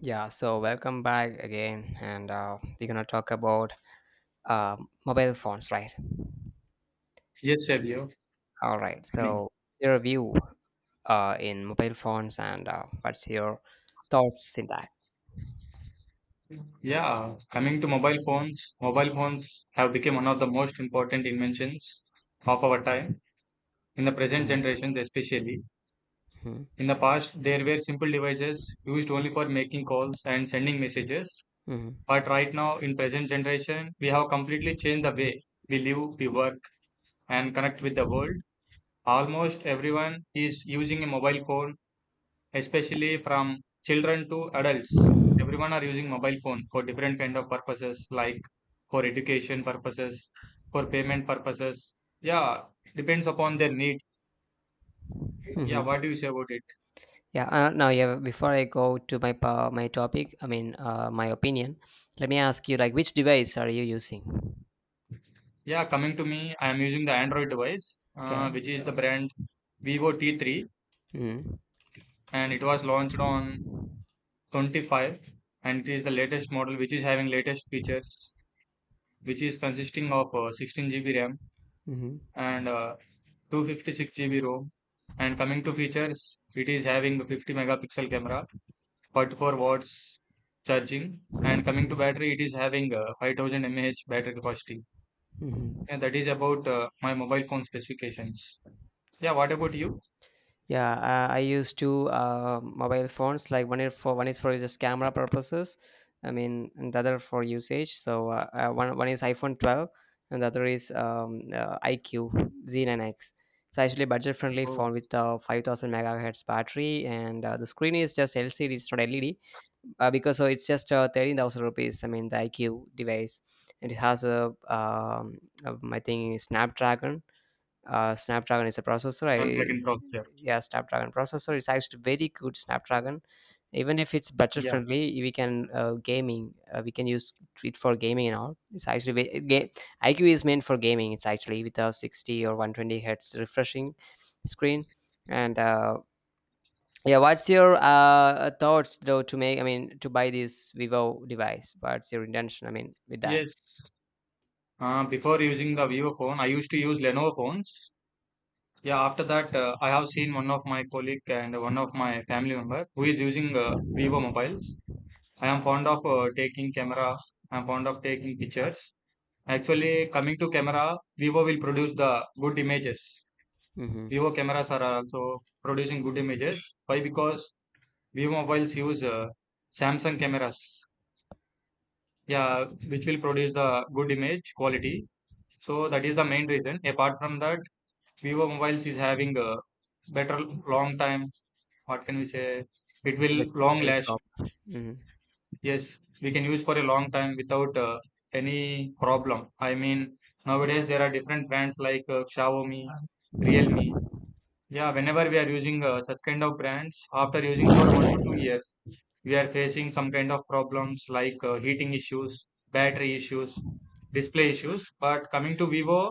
Yeah, so welcome back again, and we're gonna talk about uh, mobile phones, right? Yes, Xavier. All right. Coming. So your view in mobile phones, and what's your thoughts in that? Yeah, coming to mobile phones have become one of the most important inventions of our time, in the present Mm-hmm. generations especially. In the past, there were simple devices used only for making calls and sending messages. Mm-hmm. But right now, in present generation, we have completely changed the way we live, we work, and connect with the world. Almost everyone is using a mobile phone especially from children to adults. Everyone are using mobile phone for different kind of purposes, like for education purposes, for payment purposes. Yeah, depends upon their need. Yeah, Mm-hmm. what do you say about it? Yeah. Now, yeah. Before I go to my my topic, I mean, my opinion. Let me ask you, like, which device are you using? Yeah, Coming to me, I am using the Android device, Okay. which is the brand Vivo T3, Mm-hmm. and it was launched on 25, and it is the latest model, which is having latest features, which is consisting of 16 GB RAM Mm-hmm. and 256 GB ROM. And coming to features, it is having 50 megapixel camera, 44 watts charging. And coming to Mm-hmm. battery, it is having a 5,000 mAh battery capacity. Mm-hmm. And that is about my mobile phone specifications. Yeah, what about you? Yeah. I use two mobile phones. Like one is for just camera purposes. I mean, and the other for usage. So one is iPhone 12, and the other is IQ Z9X. It's actually a budget-friendly Oh, phone with a 5,000 megahertz battery, and the screen is just LCD. It's not LED because so it's just 13,000 rupees. I mean, the IQ device, and it has a my thing is Snapdragon. Snapdragon is a processor. I Snapdragon processor. Yeah, Snapdragon processor. It's actually very good Snapdragon. Even if it's budget Yeah. friendly, we can gaming. We can use it for gaming and all. It's actually IQ is meant for gaming. It's actually with a 60 or 120 hertz refreshing screen, and yeah, what's your thoughts though to make? I mean, to buy this Vivo device. What's your intention? I mean, with that. Yes. Before using the Vivo phone, I used to use Lenovo phones. Yeah, after that, I have seen one of my colleague and one of my family member who is using Vivo mobiles. I am fond of taking camera. I'm fond of taking pictures. Actually, coming to camera, Vivo will produce the good images. Mm-hmm. Vivo cameras are also producing good images. Why? Because Vivo mobiles use Samsung cameras. Yeah, which will produce the good image quality. So that is the main reason. Apart from that, Vivo mobiles is having a better long time. What can we say? It This will long last. telescope. Hmm. Yes, we can use for a long time without any problem. I mean, nowadays there are different brands like Xiaomi, Realme. Yeah, whenever we are using such kind of brands, after using for 1 to 2 years, we are facing some kind of problems like heating issues, battery issues, display issues. But coming to Vivo,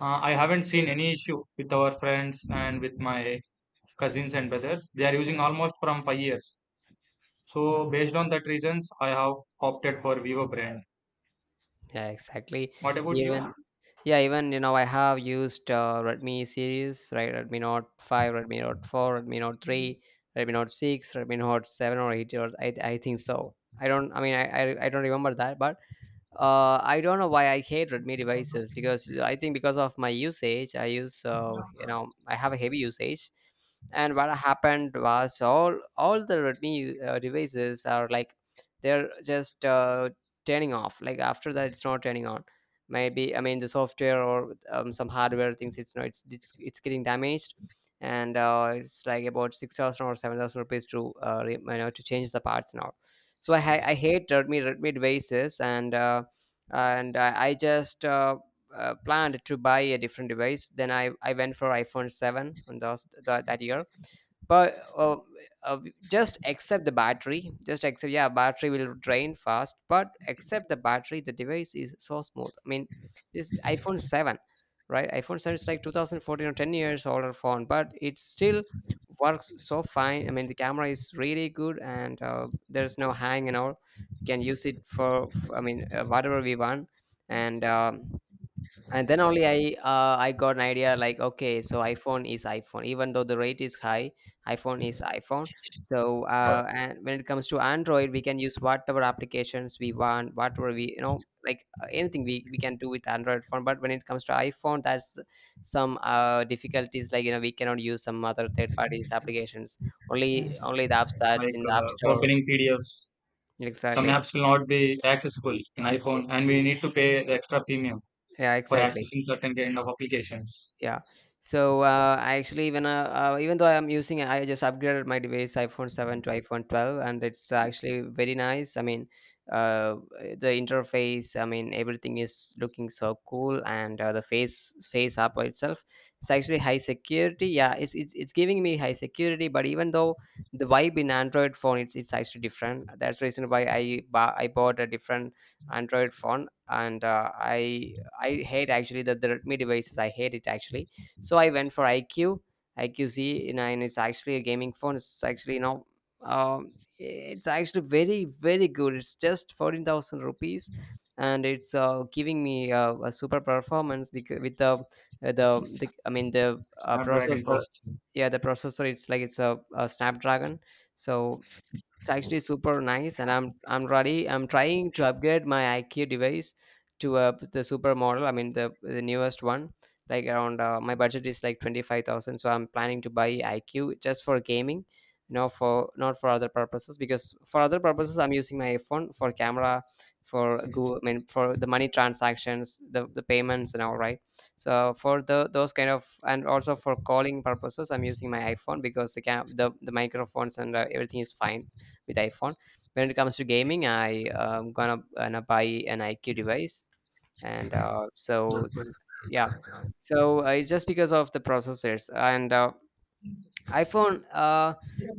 I haven't seen any issue with our friends and with my cousins and brothers. They are using almost from 5 years. So based on that reasons, I have opted for Vivo brand. Yeah, exactly. What about you? Even yeah, even you know, I have used Redmi series, right? Redmi Note 5, Redmi Note 4, Redmi Note 3, Redmi Note 6, Redmi Note 7 or 8, or I think so. I don't. I mean, I don't remember that. But I don't know why I hate Redmi devices, because I think, because of my usage, I use I have a heavy usage, and what happened was all the Redmi devices are like they're just turning off. Like after that, it's not turning on. Maybe I mean the software or some hardware things. It's not. It's getting damaged, and it's like about 6,000 or 7,000 rupees to re- you know to change the parts now. So I hate Redmi devices. And I just planned to buy a different device. Then I went for iPhone 7 on those, that that year, but uh, just accept the battery. Just accept, yeah, battery will drain fast, but accept the battery, the device is so smooth. I mean, this iPhone 7, right? iPhone 7 is like 2014, or 10 years older phone, but it still works so fine. I mean, the camera is really good, and there's no hang and all. We can use it for I mean whatever we want. And and then only I got an idea, like okay, so iPhone is iPhone. Even though the rate is high, iPhone is iPhone. So and when it comes to Android, we can use whatever applications we want, whatever we like, anything we can do with Android phone. But when it comes to iPhone, that's some difficulties, like we cannot use some other third parties applications. Only the apps that's Like in the app store. opening PDFs, some Exactly. apps will not be accessible in iPhone, and we need to pay the extra premium Yeah, for exactly. accessing certain kind of applications. Yeah. So I actually, even even though I just upgraded my device iPhone 7 to iPhone 12, and it's actually very nice. I mean uh the interface, I mean everything is looking so cool. And the face app by itself, it's actually high security. Yeah, it's, it's giving me high security. But even though the vibe in Android phone, it's actually different. That's the reason why I bought a different Android phone. And I hate actually the Redmi devices. I hate it actually. So I went for IQ, IQZ, and it's actually a gaming phone. It's actually very, very good. It's just 14,000 rupees, and it's giving me a super performance, because with the, I mean, the Snapdragon processor. processing. Yeah, the processor, it's like it's a Snapdragon. So it's actually super nice, and I'm ready. I'm trying to upgrade my IQ device to the super model. I mean the newest one. Like, around my budget is like 25,000, so I'm planning to buy IQ just for gaming, no for not for other purposes. Because for other purposes, I'm using my iPhone for camera, for Google, I mean for the money transactions, the payments and all, right. So for the those kind of and also for calling purposes, I'm using my iPhone, because the microphones and everything is fine with iPhone. When it comes to gaming, I gonna buy an IQ device. And That's so right. yeah. So it's just because of the processors, and iPhone,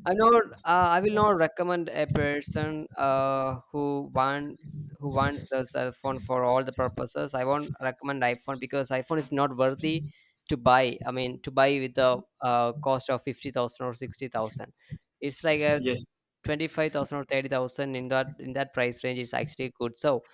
I will not recommend a person who wants the cell phone for all the purposes. I won't recommend iPhone, because iPhone is not worthy to buy. I mean, to buy with the cost of 50,000 or 60,000. It's like a Yes. 25,000 or 30,000 in that price range is actually good. So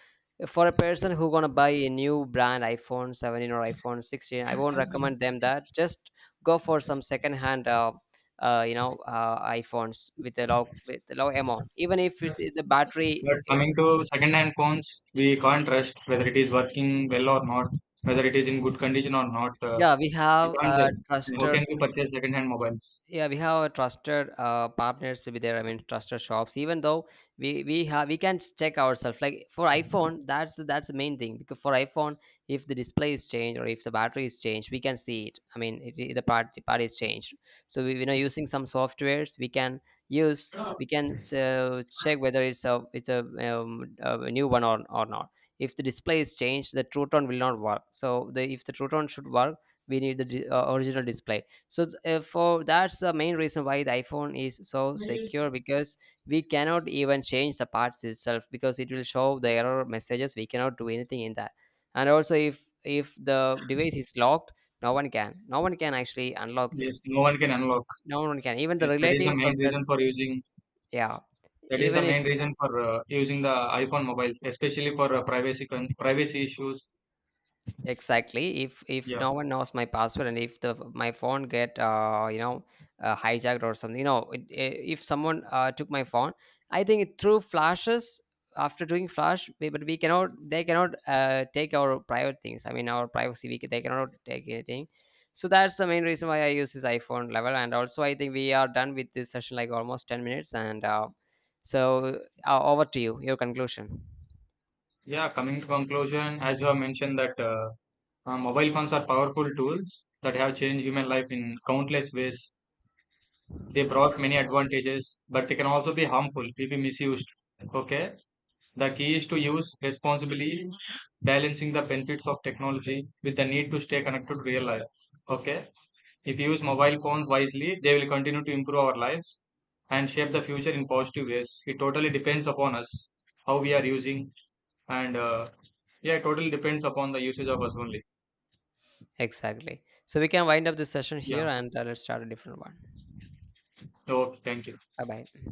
for a person who gonna buy a new brand iPhone 17 or iPhone 16, I won't recommend them that. Just go for some second hand, iPhones with a low amount. Even if it's the But battery, coming to second-hand phones, we can't trust whether it is working well or not, whether it is in good condition or not. Yeah, we We have can't judge. How trusted. can we purchase second-hand mobiles? Yeah, we have a trusted partners with there. I mean trusted shops. Even though we can check ourselves, like for iPhone, that's the main thing. Because for iPhone, if the display is changed or if the battery is changed, we can see it. I mean the part is changed. So we, using some softwares, we can use so check whether a new one or not. If the display is changed, the Truton will not work. So the if the Truton should work, we need the original display. So it's, for that's the main reason why the iPhone is so secure. Because we cannot even change the parts itself, because it will show the error messages. We cannot do anything in that. And also, if the device is locked, no one can actually unlock it. Yes, no one can unlock. No one can, even the Yes, that is the relatives or main reason for using yeah. that is the even main reason for using the iPhone mobiles, especially for privacy issues. Exactly. If Yeah, no one knows my password, and if the my phone get hijacked or something, if someone took my phone, I think it through flashes. After doing flash, we, but we cannot they cannot take our private things. I mean, our privacy, they cannot take anything. So that's the main reason why I use this iPhone level. And also, I think we are done with this session, like almost 10 minutes. And so, over to you, your conclusion. yeah. Coming to conclusion, as you have mentioned that mobile phones are powerful tools that have changed human life in countless ways. They brought many advantages, but they can also be harmful if we misused. Okay, the key is to use responsibly, balancing the benefits of technology with the need to stay connected to real life. Okay. If we use mobile phones wisely, they will continue to improve our lives and shape the future in positive ways. It totally depends upon us how we are using, and yeah, it totally depends upon the usage of us only. Exactly. So we can wind up this session Yeah. here, and let's start a different one. So thank you. Bye bye.